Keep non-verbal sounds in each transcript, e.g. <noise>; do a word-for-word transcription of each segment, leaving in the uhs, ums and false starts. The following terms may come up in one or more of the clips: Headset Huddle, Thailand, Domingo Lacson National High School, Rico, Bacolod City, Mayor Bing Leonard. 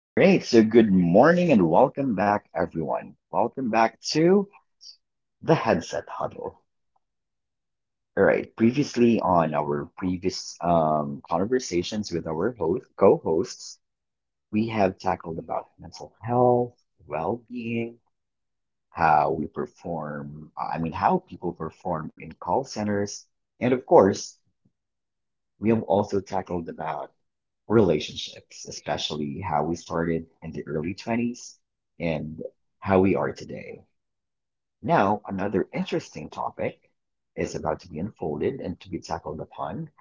All right, so good morning and welcome back, everyone. Welcome back to the Headset Huddle. All right, previously on our previous um, conversations with our host, co-hosts, we have tackled about mental health, well-being, how we perform, I mean, how people perform in call centers, and of course, we have also tackled about relationships, especially how we started in the early twenties and how we are today. Now, another interesting topic is about to be unfolded and to be tackled upon,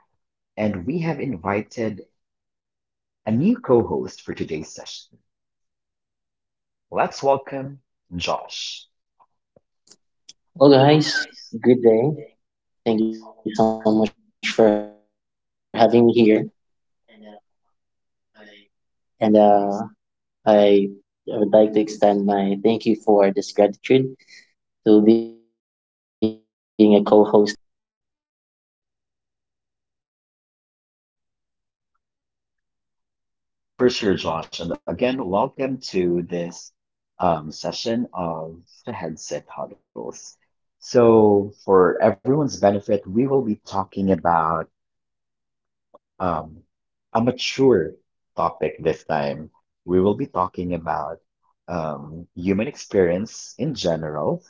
and we have invited a new co-host for today's session. Let's welcome Josh. Well, guys, good day. Thank you so much for having me here. And uh, I, I would like to extend my thank you for this gratitude to being a co host here. I really appreciate that. For sure, Josh, and again, welcome to this um, session of the Headset Huddles. So, for everyone's benefit, we will be talking about um, a mature topic this time. We will be talking about um, human experience in general,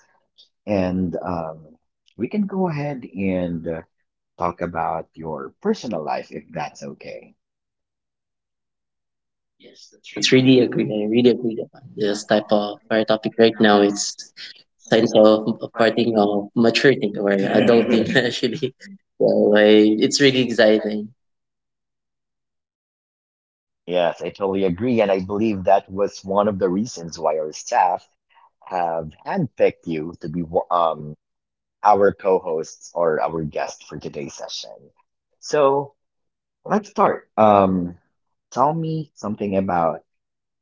and um, we can go ahead and uh, talk about your personal life if that's okay. <laughs> Yes, that's really agree. I really agree that this type of our topic right now. It's signs of of parting of maturing or adulting <laughs> actually. So I, it's really exciting. Yes, I totally agree, and I believe that was one of the reasons why our staff have handpicked you to be wo- um, our co-hosts or our guest for today's session. So, let's start. Um, tell me something about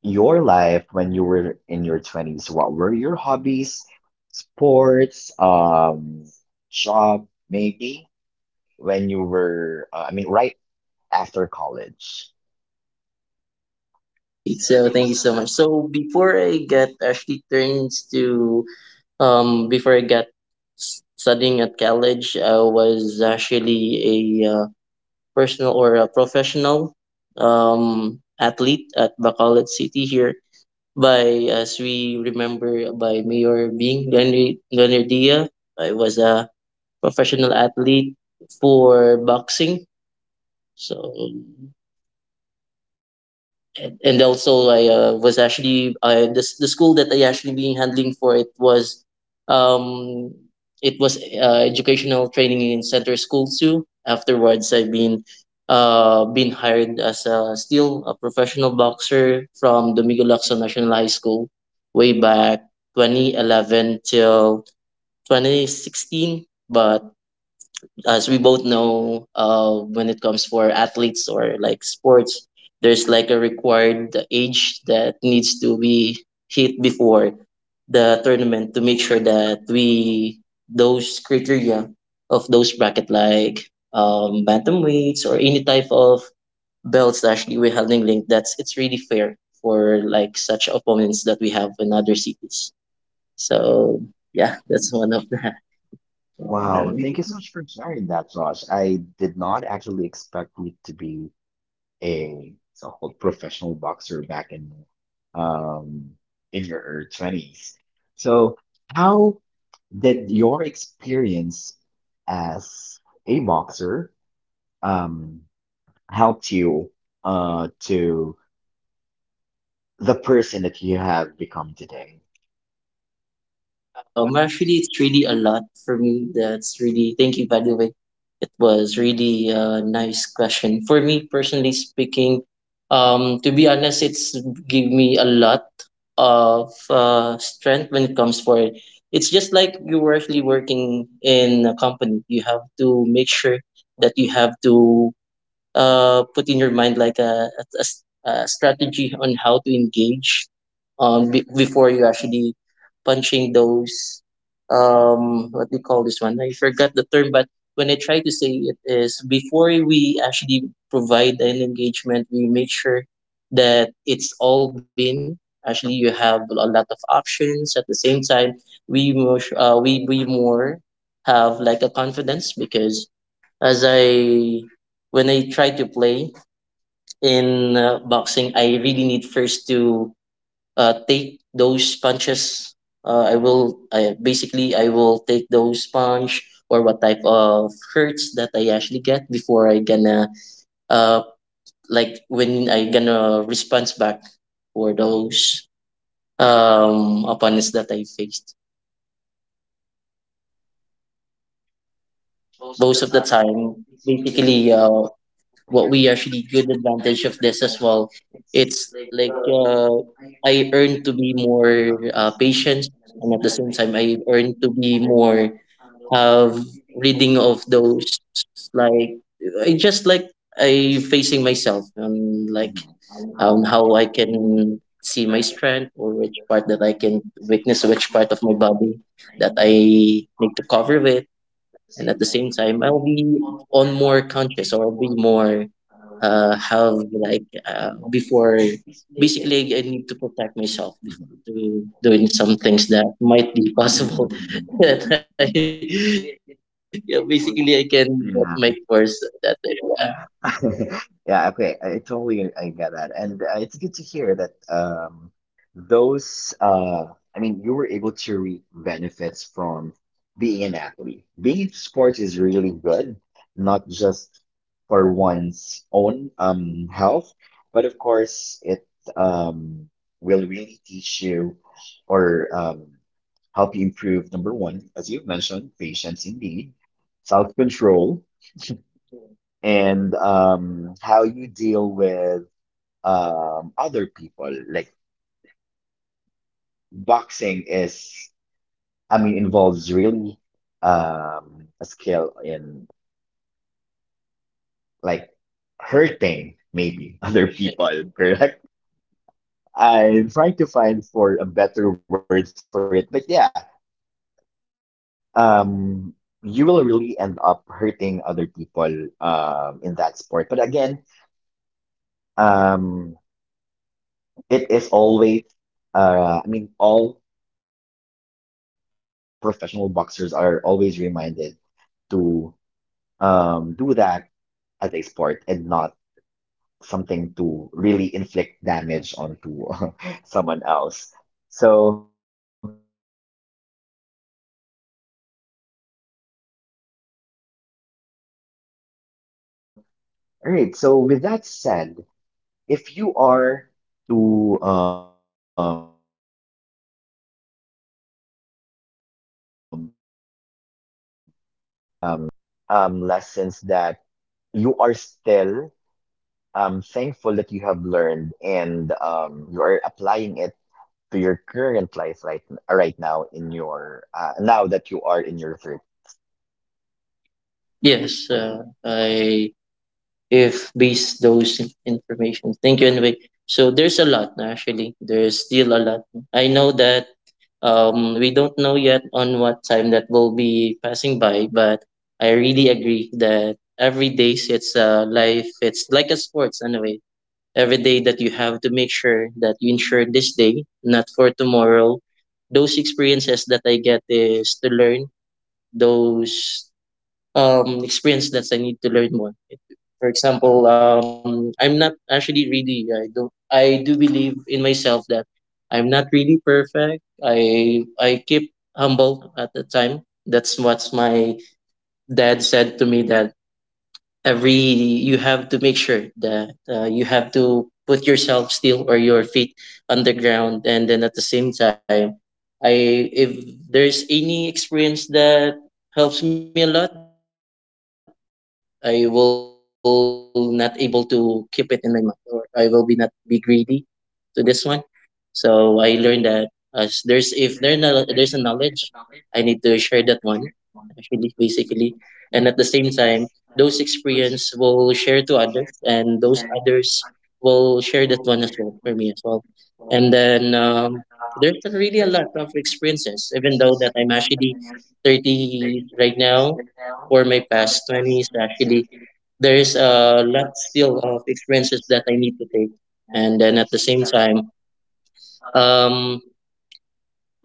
your life when you were in your twenties. What were your hobbies, sports, um, job, maybe when you were, uh, I mean, right after college? Right. So thank you so much. So before I get actually turns to Um, before I got s- studying at college, I was actually a uh, personal or a professional um, athlete at Bacolod City here. By as we remember, by Mayor Bing Leonard Leonard I was a professional athlete for boxing. So and and also I uh, was actually I the s- the school that I actually being handling for it was um it was uh, educational training in center school too. Afterwards, I've been uh been hired as a still a professional boxer from Domingo Lacson National High School way back twenty eleven till twenty sixteen. But as we both know, uh, when it comes for athletes or like sports, there's like a required age that needs to be hit before the tournament to make sure that we those criteria of those bracket like um bantamweights or any type of belts that actually we're holding link that's it's really fair for like such opponents that we have in other cities so yeah that's one of the Wow, thank you so much for sharing that, Josh. I did not actually expect you to be a so-called professional boxer back in um, in your twenties. So how did your experience as a boxer um, helped you uh, to the person that you have become today? Um, actually, it's really a lot for me. That's really, thank you, by the way. It was really a nice question. For me, personally speaking, um, to be honest, it's give me a lot of uh, strength when it comes for it. It's just like you were actually working in a company. You have to make sure that you have to uh, put in your mind like a, a, a s- a strategy on how to engage um, be before you actually punching those um, what do you call this one? I forgot the term, but when I try to say it is before we actually provide an engagement, we make sure that it's all been actually you have a lot of options at the same time we more, uh, we we more have like a confidence because as I when I try to play in uh, boxing, I really need first to uh, take those punches. Uh, I will I, basically I will take those punch or what type of hurts that I actually get before I gonna uh like when I gonna response back for those um opponents that I faced. Most of the time, basically, uh, what we actually good advantage of this as well. It's like uh, I earn to be more uh, patient, and at the same time, I earn to be more have reading of those like I just like I facing myself um like Mhm. um how I can see my strength or which part that I can weakness, which part of my body that I need to cover with and at the same time I'll be on more conscious or I'll be more uh have like uh before basically I need to protect myself before to Mhm. doing some things that might be possible <laughs> <laughs> that I yeah, basically I can get my worse that I, Yeah. uh, <laughs> Yeah, okay. I totally I get that. And uh, it's good to hear that um those uh I mean you were able to reap benefits from being an athlete. Being in sports is really good, not just for one's own um health, but of course it um will really teach you or um help you improve number one, as you've mentioned, patience indeed, self-control. <laughs> And um, how you deal with um, other people. Like boxing is, I mean, involves really um, a skill in like hurting maybe other people, <laughs> <laughs> yes correct? yeah, yeah. I'm trying to find for a better word for it, but yeah, um, you will really end up hurting other people um, in that sport. But again, um, it is always uh, I mean, all professional boxers are always reminded to um, do that as a sport and not something to really inflict damage onto <laughs> someone else. So, all right. So, with that said, if you are to um, to get all the knowledge that you have learned in your uh, twenties um, as a boxer during that time, um, is there any other um, lessons that you are still um, thankful that you have learned and um, you are applying it to your current life right right now in your uh, now that you are in your thirties. yes uh, I if based those in- information thank you anyway so there's a lot no, actually there's still a lot I know that Um, we don't know yet on what time that will be passing by, but I really agree that every day it's a life. It's like a sports in a way. Every day that you have to make sure that you ensure this day, not for tomorrow. Those experiences that I get is to learn. Those um, experience that I need to learn more. For example, um, I'm not actually really. I don't. I do believe in myself that I'm not really perfect. I I keep humble at the time. That's what my dad said to me that every you have to make sure that uh, you have to put yourself still or your feet underground and then at the same time I if there's any experience that helps me a lot I will not able to keep it in my mind or I will be not be greedy to this one so I learned that as there's if there no, there's a knowledge, I need to share that one actually basically, and at the same time, those experience will share to others, and those others will share that one as well for me as well. And then um, there's really a lot of experiences, even though that I'm actually thirty right now. For my past twenties, actually, there is a lot still of experiences that I need to take, and then at the same time, um,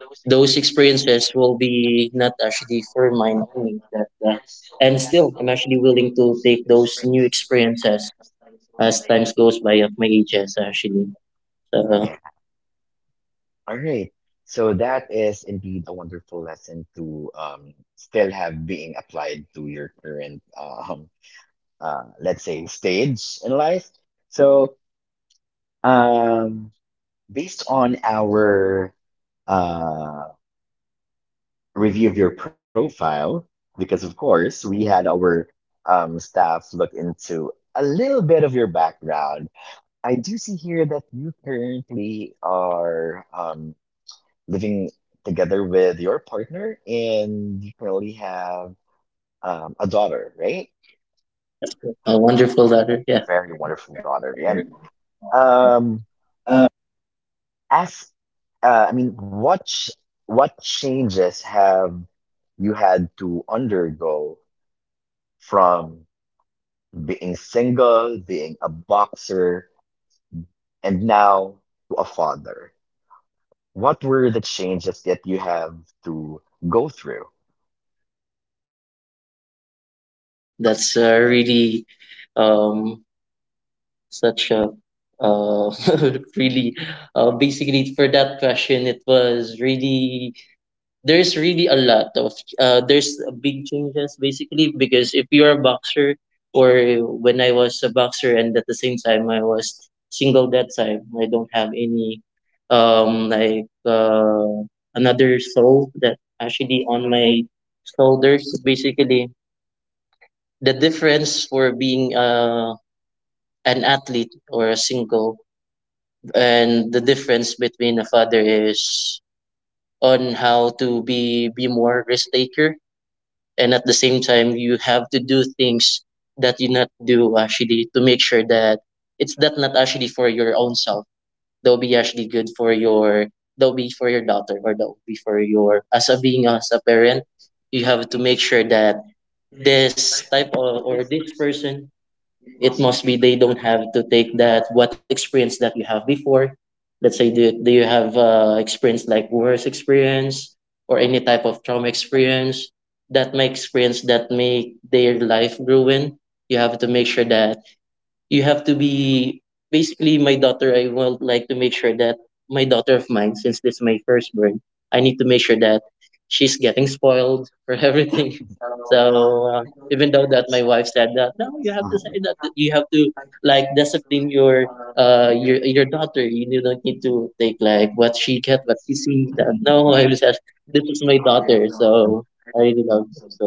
those experiences will be not actually for mine only. That uh, and still, I'm actually willing to take those new experiences as times goes by of my ages actually. So Yeah. All right. So that is indeed a wonderful lesson to um, still have being applied to your current um, uh, let's say stage in life. So um, based on our uh, review of your profile, because of course we had our um, staff look into a little bit of your background. I do see here that you currently are um, living together with your partner, and you currently have um, a daughter, right? yeah, a wonderful A letter. Yeah. very wonderful daughter. And um, as uh, I mean, what ch what changes have you had to undergo from being single, being a boxer, and now to a father? What were the changes that you have to go through? Oh well, that's uh, really um such a uh <laughs> really uh basically for that question it was really there's really a lot of uh, there's big changes basically because if you're a boxer or when I was a boxer and at the same time I was single that time I don't have any um like uh, another soul that actually on my shoulders basically the difference for being uh, an athlete or a single and the difference between a father is on how to be be more risk taker and at the same time you have to do things that you not do actually to make sure that it's that not actually for your own self they'll be actually good for your they'll be for your daughter or they'll be for your as a being as a parent you have to make sure that this type of or this person it must be they don't have to take that what experience that you have before let's say do, do you have uh, experience like worse experience or any type of trauma experience that may experience that make their life ruin you have to make sure that you have to be basically my daughter I would like to make sure that my daughter of mine since this is my firstborn I need to make sure that she's getting spoiled for <laughs> everything so uh, even though that my wife said that no you have to say that that you have to like discipline your uh your your daughter you do not need to take like what she get what she see that no I was just Mhm. this is my daughter <laughs> so I really love her so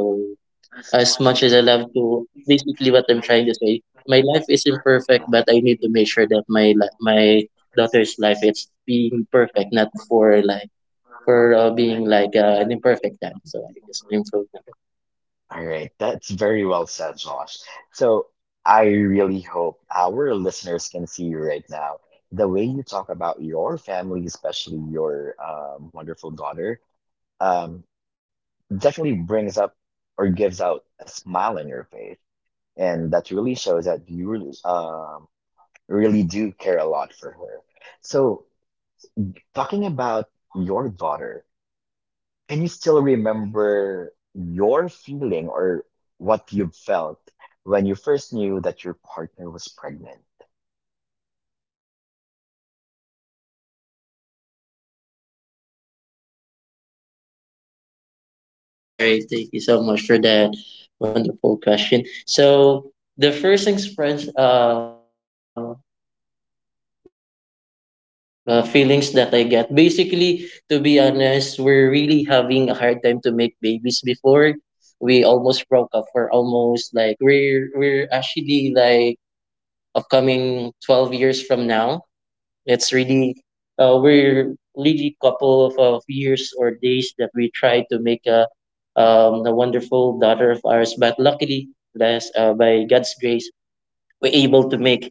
as much as I love to, basically what I'm trying to say, my life is imperfect, but I need to make sure that my li- my daughter's life is being perfect, not for like for uh, being like uh, an imperfect dad. So I just improve. That. All right, that's very well said, Josh. So I really hope our listeners can see you right now. The way you talk about your family, especially your um, wonderful daughter, um, definitely brings up or gives out a smile on your face, and that really shows that you really, um, really do care a lot for her. So talking about your daughter, can you still remember your feeling or what you felt when you first knew that your partner was pregnant? All right, thank you so much for that wonderful question. So the first things first, um, uh, feelings that I get. Basically, to be honest, we're really having a hard time to make babies before we almost broke up for almost like we're we're actually like upcoming twelve years from now. It's really uh, we're really couple of, of years or days that we try to make a um a wonderful daughter of ours but luckily bless uh, by God's grace we're able to make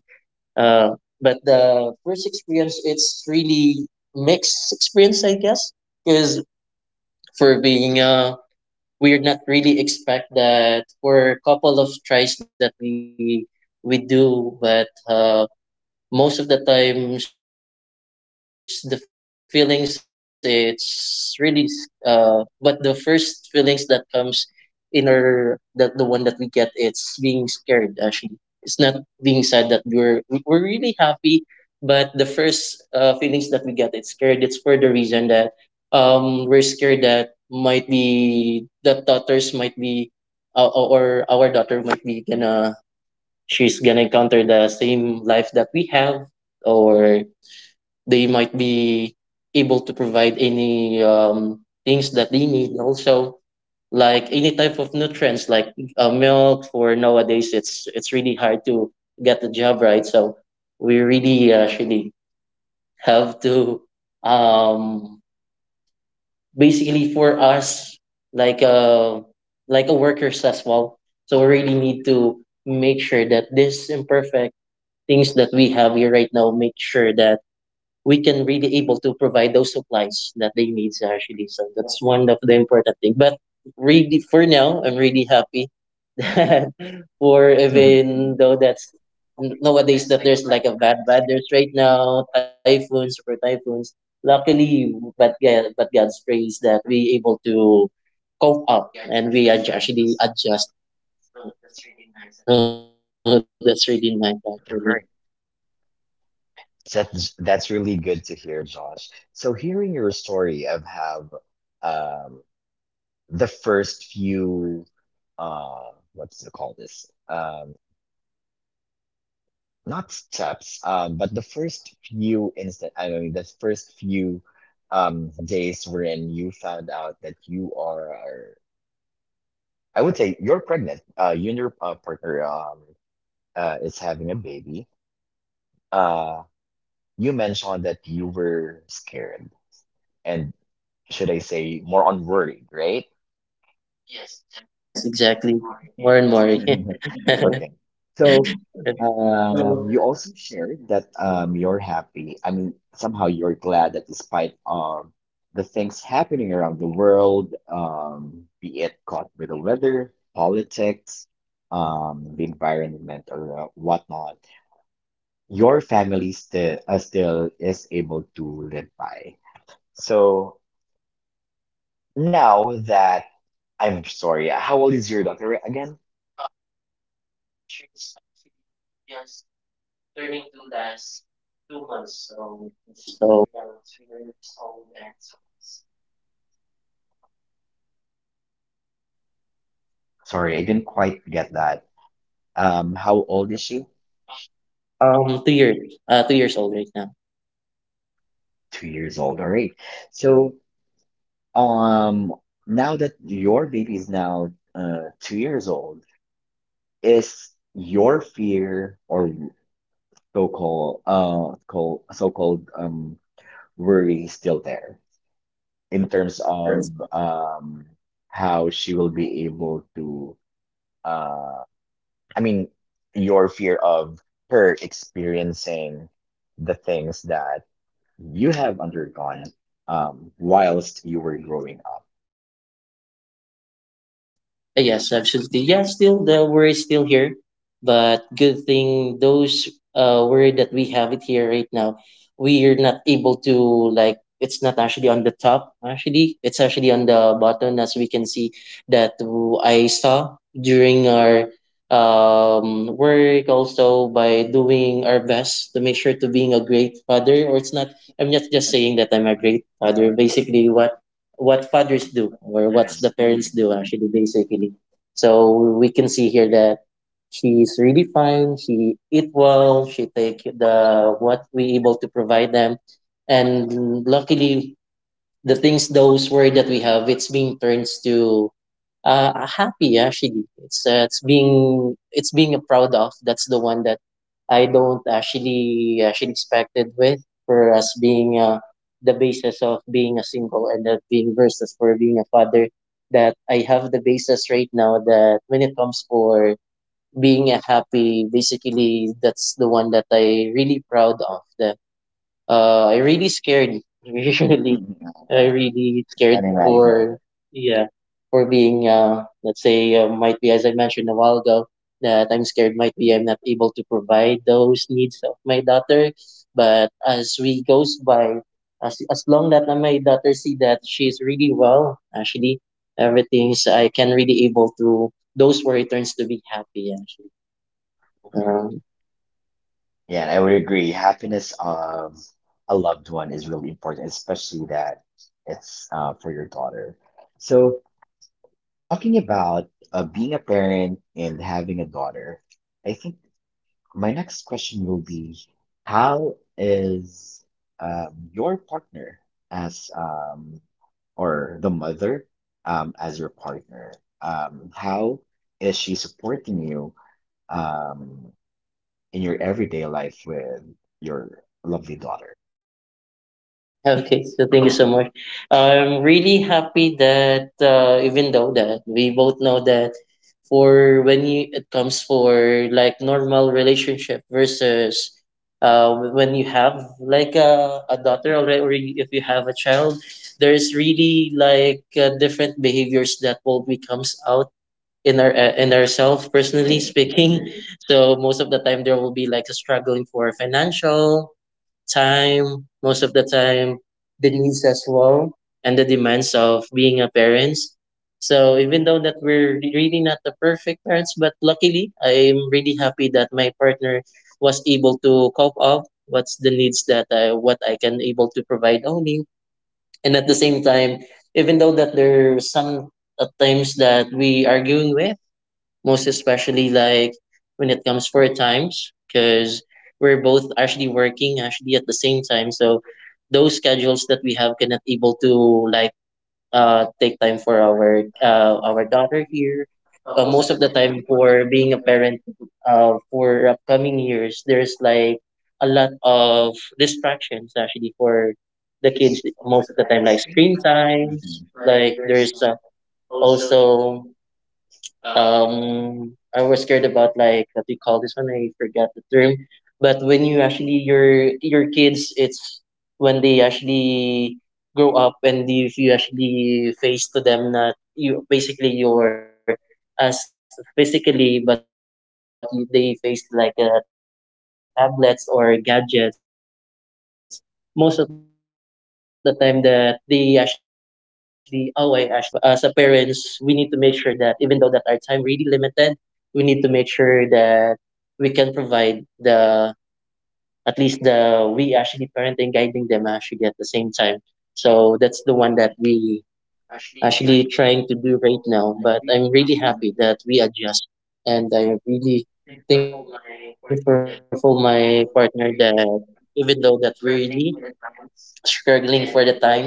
uh, but the first experience, it's really mixed experience, I guess, because for being uh, we're not really expect that for a couple of tries that we we do, but uh, most of the times the feelings it's really uh but the first feelings that comes in our that the one that we get it's being scared actually it's not being sad that we're we're really happy but the first uh, feelings that we get it's scared it's for the reason that um we're scared that might be that daughters might be uh, or our daughter might be gonna she's gonna encounter the same life that we have, or they might be able to provide any um, things that they need. Also, like any type of nutrients, like uh, milk. For nowadays, it's it's really hard to get the job right. So we really uh, actually have to um, basically for us like a like a workers as well. So we really need to make sure that this imperfect things that we have here right now make sure that we can really able to provide those supplies that they needs actually, so that's one of the important thing. But really for now, i'm really happy <laughs> that for <laughs> even though that's nowadays that there's like a bad weather right now, typhoons, super typhoons, luckily, but yeah, but god's praise that we able to cope up and we ad- actually adjust. <laughs> So that's really nice actually. That's that's really good to hear, Josh. So hearing your story of how um, the first few uh, what's it called this? Um, not steps, um, but the first few instant. I mean, the first few um, days wherein you found out that you are, I would say you're pregnant. Uh, you and your uh, partner um, uh, is having a baby. Uh, you mentioned that you were scared, and should I say more on worried, right? <laughs> Yes, exactly. More and more. <laughs> Okay. So, so, um, you also shared that um, you're happy. I mean, somehow you're glad that despite um the things happening around the world, um, be it caught with the weather, politics, um, the environment, or uh, whatnot, your family still uh, still is able to live by. So now that, I'm sorry, how old is your daughter again? um, she's actually just turning two last two months. So she's right now two years old and two months. So, Sorry, I didn't quite get that. Um, how old is she? Um, two years, uh, two years old right now. Two years old. All right. So um, now that your baby is now uh two years old, is your fear or so-called uh called so-called um worry still there in terms of um, how she will be able to uh, I mean, your fear of her experiencing the things that you have undergone um, whilst you were growing up. Uh, Yes, absolutely. Yeah, still the word is still here, but good thing those uh word that we have it here right now, we are not able to, like, it's not actually on the top. Actually, it's actually on the bottom, as we can see that w- I saw during our um work also by doing our best to make sure to being a great father. Or it's not, i'm not just saying that i'm a great father, basically what what fathers do or Mhm. what's the parents do actually basically. So we can see here that she's really fine, she eat well, she take the what we able to provide them. And luckily, the things, those worry that we have, it's being turns to uh happy actually. It's uh, it's being it's being proud of. That's the one that i don't actually actually expected with, for us being uh, the basis of being a single and that being versus for being a father, that i have the basis right now that when it comes for being a happy, basically that's the one that i really proud of. That uh, I really scared. <laughs> Really, Mhm. I really scared Can imagine. for, yeah, for being uh, let's say uh, might be, as I mentioned a while ago, that I'm scared might be I'm not able to provide those needs of my daughter. But as we goes by, as as long that my daughter see that she's really well, actually everything's I can really able to, those worry turns to be happy actually. <laughs> Um, Yeah, and I would agree. Happiness of a loved one is really important, especially that it's uh, for your daughter. So talking about uh, being a parent and having a daughter, I think my next question will be, how is um, your partner as um, or the mother um, as your partner? Um, how is she supporting you um, in your everyday life with your lovely daughter? Okay, so thank you so much. I'm really happy that uh, even though that we both know that for when you it comes for like normal relationship versus uh, when you have like a, a daughter already, or if you have a child, there's really like uh, different behaviors that will be comes out in our uh, in ourselves, personally Okay. speaking. So most of the time there will be like a struggling for financial time, most of the time, the needs as well, and the demands of being a parents. So even though that we're really not the perfect parents, but luckily I'm really happy that my partner was able to cope up what's the needs that I, what I can able to provide only. And at the same time, even though that there's some at times that we arguing with, most especially like when it comes for times, because we're both actually working actually at the same time, so those schedules that we have cannot able to, like, uh take time for our uh our daughter here. Uh, most of the time, for being a parent, uh for upcoming years, there's like a lot of distractions actually for the kids, most of the time like screen times, like there's uh, also um I was scared about, like, what do you call this one? I forgot the term. But when you actually your your kids, it's when they actually grow up, and if you actually face to them, not you basically you're as physically, but you- they face like uh, tablets or gadgets most of the time that they actually, oh, I actually remembered autism actually. So as a as a parents, we need to make sure that even though that our time really limited, we need to make sure that we can provide the, at least the, we actually parenting, guiding them actually at the same time. So that's the one that we actually trying to do right now. But I'm really happy that we adjust, and I'm really thankful for my partner that even though that we're really struggling for the times,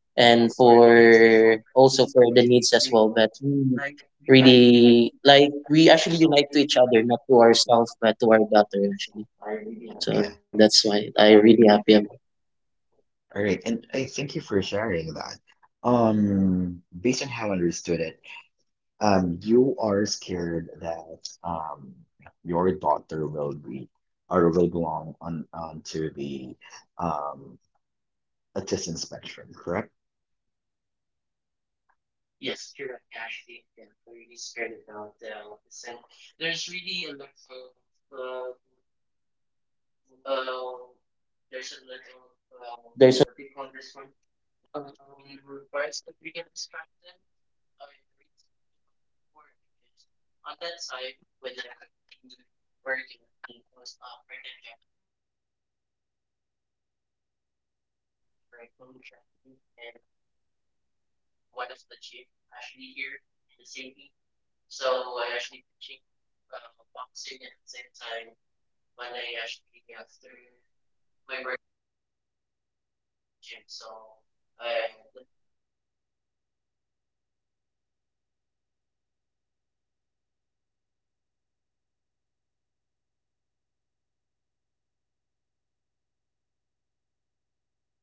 and for also for the needs as well. But we really like we actually unite to each other, not to ourselves, but to our daughter actually. So Okay. that's why I really happy about. All right, and I thank you for sharing that. Um, based on how I understood it, um, you are scared that um your daughter will be or will belong on onto the um autism spectrum, correct? Yes, correct. Actually, yeah, I'm really scared about the autism. There's really a lot of um uh there's a lot of uh, what do you call this one? Um, parts that they can distract them. I really scared about before, because on that time when I'm actually work, I actually do a part time job as well. I've been j- a trainer or a coach actually in one of the gym actually here in the city. So I actually teaching uh, boxing at the same time, when I actually after my work, I actually directly to the gym. So uh, that that time, as I mentioned, that my my partner have the same schedule of mine. So our or my daughter was not able to,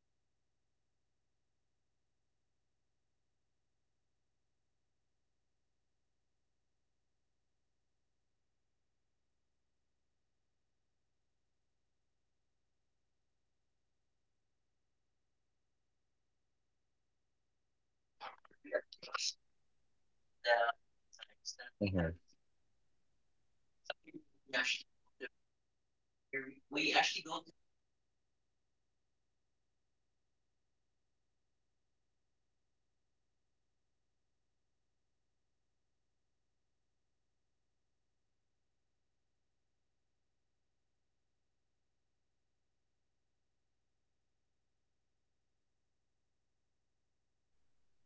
we're not able to provide the needs actually, basically that we have like family time, or we're not really able to show to her that uh, that we're really enjoying her actually. But that's the one that the resolutions that i do actually, I stopped for being a coach on that time, and at the same time we adjust Mhm. the the times that we have it here. And luckily we actually able to pass. We we actually go to Pedia on one of the city, and then good thing that the Pedia said that we're really lucky that uh, as soon as as possible we stop for being like a busy on work. On that way, we able to prevent the autism, and that's that really we're scared about.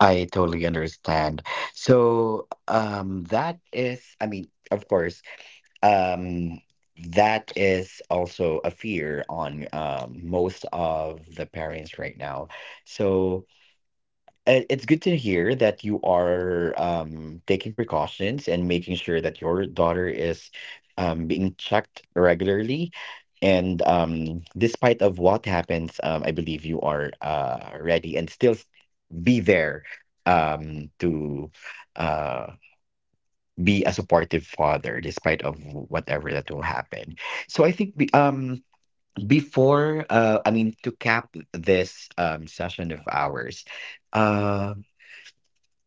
I yeah, totally understand. So, um, that is, I mean, of course, um, that is also a fear on um, most of the parents right now. So, Uh, it's good to hear that you are um, taking precautions and making sure that your daughter is um, being checked regularly. And um, despite of what happens, um, I believe you are uh, ready and still s- be there um, to uh, be a supportive father, despite of whatever that will happen. So I think be, um, before, uh, I mean, to cap this um, session of ours, uh,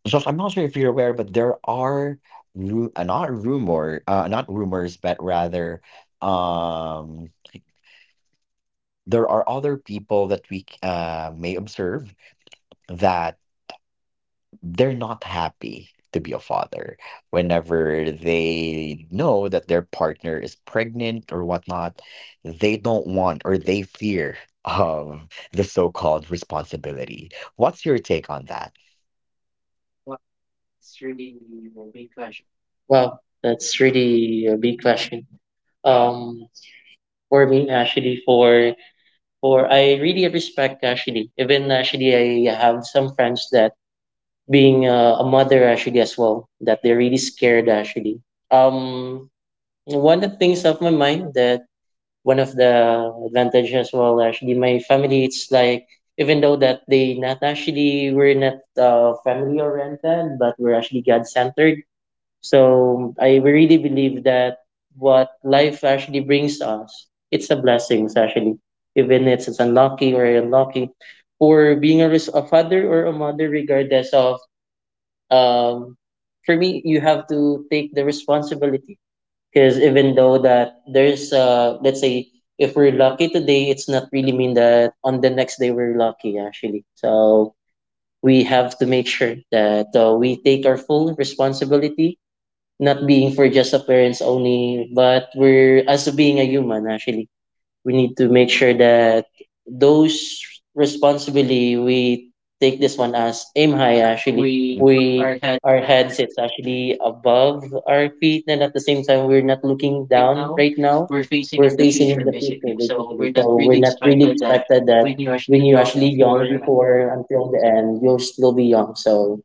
Josh, I'm not sure if you're aware, but there are ru uh, not rumor, uh, not rumors, but rather, um, there are other people that we c- uh, may observe that they're not happy to be a father whenever they know that their partner is pregnant or whatnot. They don't want or they fear of the so-called responsibility. What's your take on that? wow, that's really a big question. Um, for me actually for, or I really respect actually. Even actually, I have some friends that being uh, a mother actually as well, that they're really scared actually. Um, One of the things of my mind, that one of the advantages as well actually my family, it's like even though that they not actually, we're not uh, family oriented, but we're actually God centered. So I really believe that what life actually brings us, it's a blessing actually, even if it's unlucky or unlucky, or being a, res- a father or a mother, regardless of. Um, for me, you have to take the responsibility, because even though that there's uh, let's say if we're lucky today, it's not really mean that on the next day we're lucky actually. So we have to make sure that uh, we take our full responsibility, not being for just appearance only, but we're as being a human actually, we need to make sure that those responsibility we take this one as aim high actually. We. We, our heads it's actually above our feet, and at the same time we're not looking down right now. We're facing in the future basically. So we're not really expected that when you're actually young before until the end, you'll still be young. So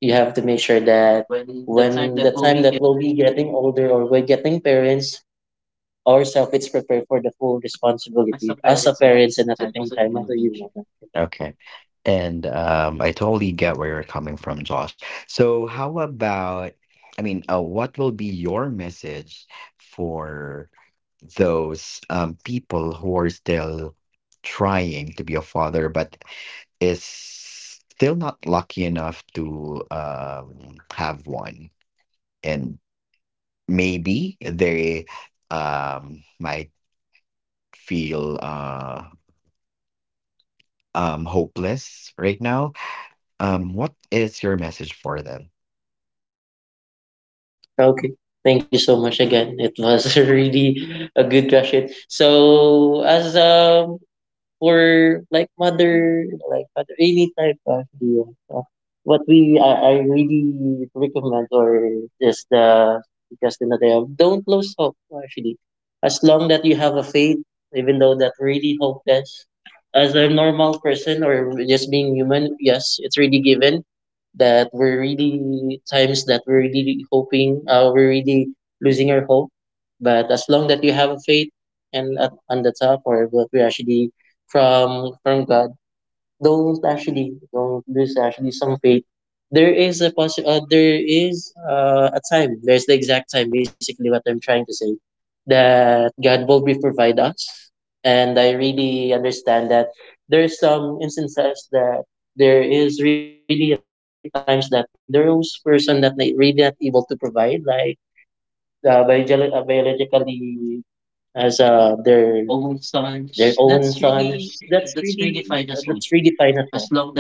you have to make sure that when the time that we'll be getting older or we're getting parents, ourselves it's prepared for the full responsibility as a parents and at the same time as a human. Okay. And um, I totally get where you're coming from, Josh. So, how about, I mean, uh, what will be your message for those um, people who are still trying to be a father, but is still not lucky enough to um, have one? And maybe they um, might feel uh, um, hopeless right now. Um, what is your message for them? Okay. Thank you so much again. It was <laughs> really a good question. So as um for like mother, like mother, any type actually. The, uh, what we I, I really recommend, or just the, just another, don't lose hope actually. As long that you have a faith, even though that really hopeless, as a normal person or just being human, yes, it's really given that we're really times that we're really hoping, uh, we're really losing our hope. But as long that you have a faith and at, on the top or what we actually from from God, don't actually don't, there's actually some fate, there is a possi- uh, there is uh, a time, there's the exact time, basically what i'm trying to say, that god will be provide us. And i really understand that there's some instances that there is really at times that there's person that they really not able to provide like uh, biolo- uh, biologically as uh, their their own sons. That's really uh, that's really fine as well,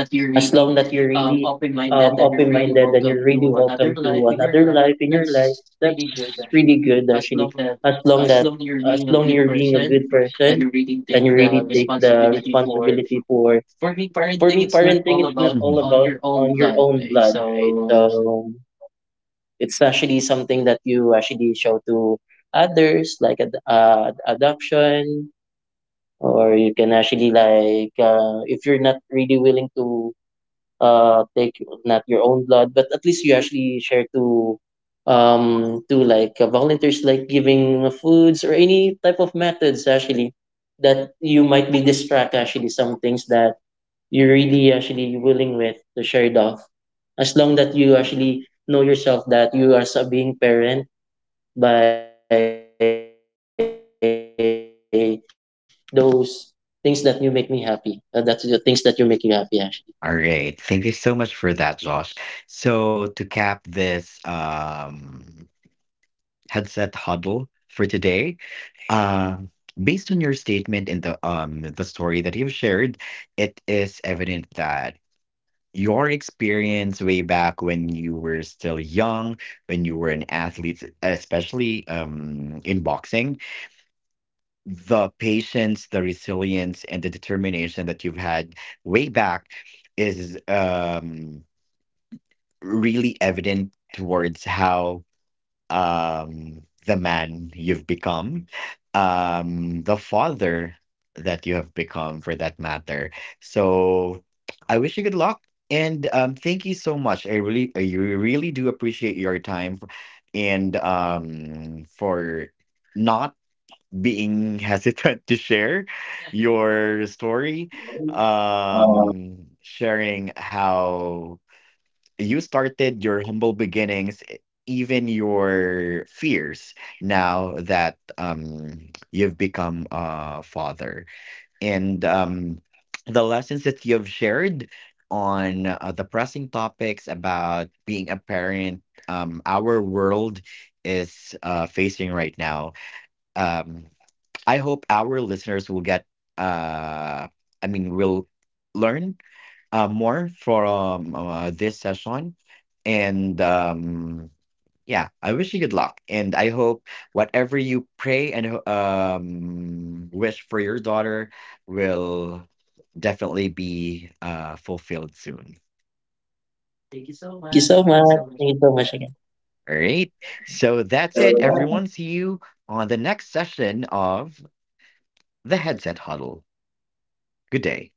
as long that you're really um, open-minded and you're really welcome to another life in your life. That's really good actually, as long that, as long you're being a good person and you really take the responsibility for for me, parenting it's not all about Mhm. on your own blood, right? So it's actually something that you actually show to others, like ad- uh, adoption, or you can actually, like, uh, if you're not really willing to uh take not your own blood, but at least you actually share to um to, like, uh, volunteers, like giving foods or any type of methods actually, that you might be distract actually some things that you're really actually willing with to share it off, as long that you actually know yourself that you are sa- being parent by those things that you make me happy, uh, that's the things that you make you happy actually. All right. Thank you so much for that, Josh. So to cap this um, headset huddle for today, uh, based on your statement and the um the story that you've shared, it is evident that your experience way back when you were still young, when you were an athlete, especially um in boxing, the patience, the resilience, and the determination that you've had way back is um, really evident towards how um, the man you've become, um, the father that you have become, for that matter. So I wish you good luck. And um, thank you so much. I really, I really do appreciate your time, and um, for not being hesitant to share That's your story, it. um, sharing how you started your humble beginnings, e- even your fears now that um, you've become a father, and um, the lessons that you've shared on uh, the pressing topics about being a parent um, our world is uh, facing right now. Um, I hope our listeners will get, uh, I mean, will learn uh, more from uh, this session. And um, yeah, I wish you good luck. And I hope whatever you pray and ho- um, wish for your daughter will definitely be uh, fulfilled soon. Thank you so much, thank you so much again. All right. So that's it, So everyone. See you on the next session of the Headset Huddle. Good day.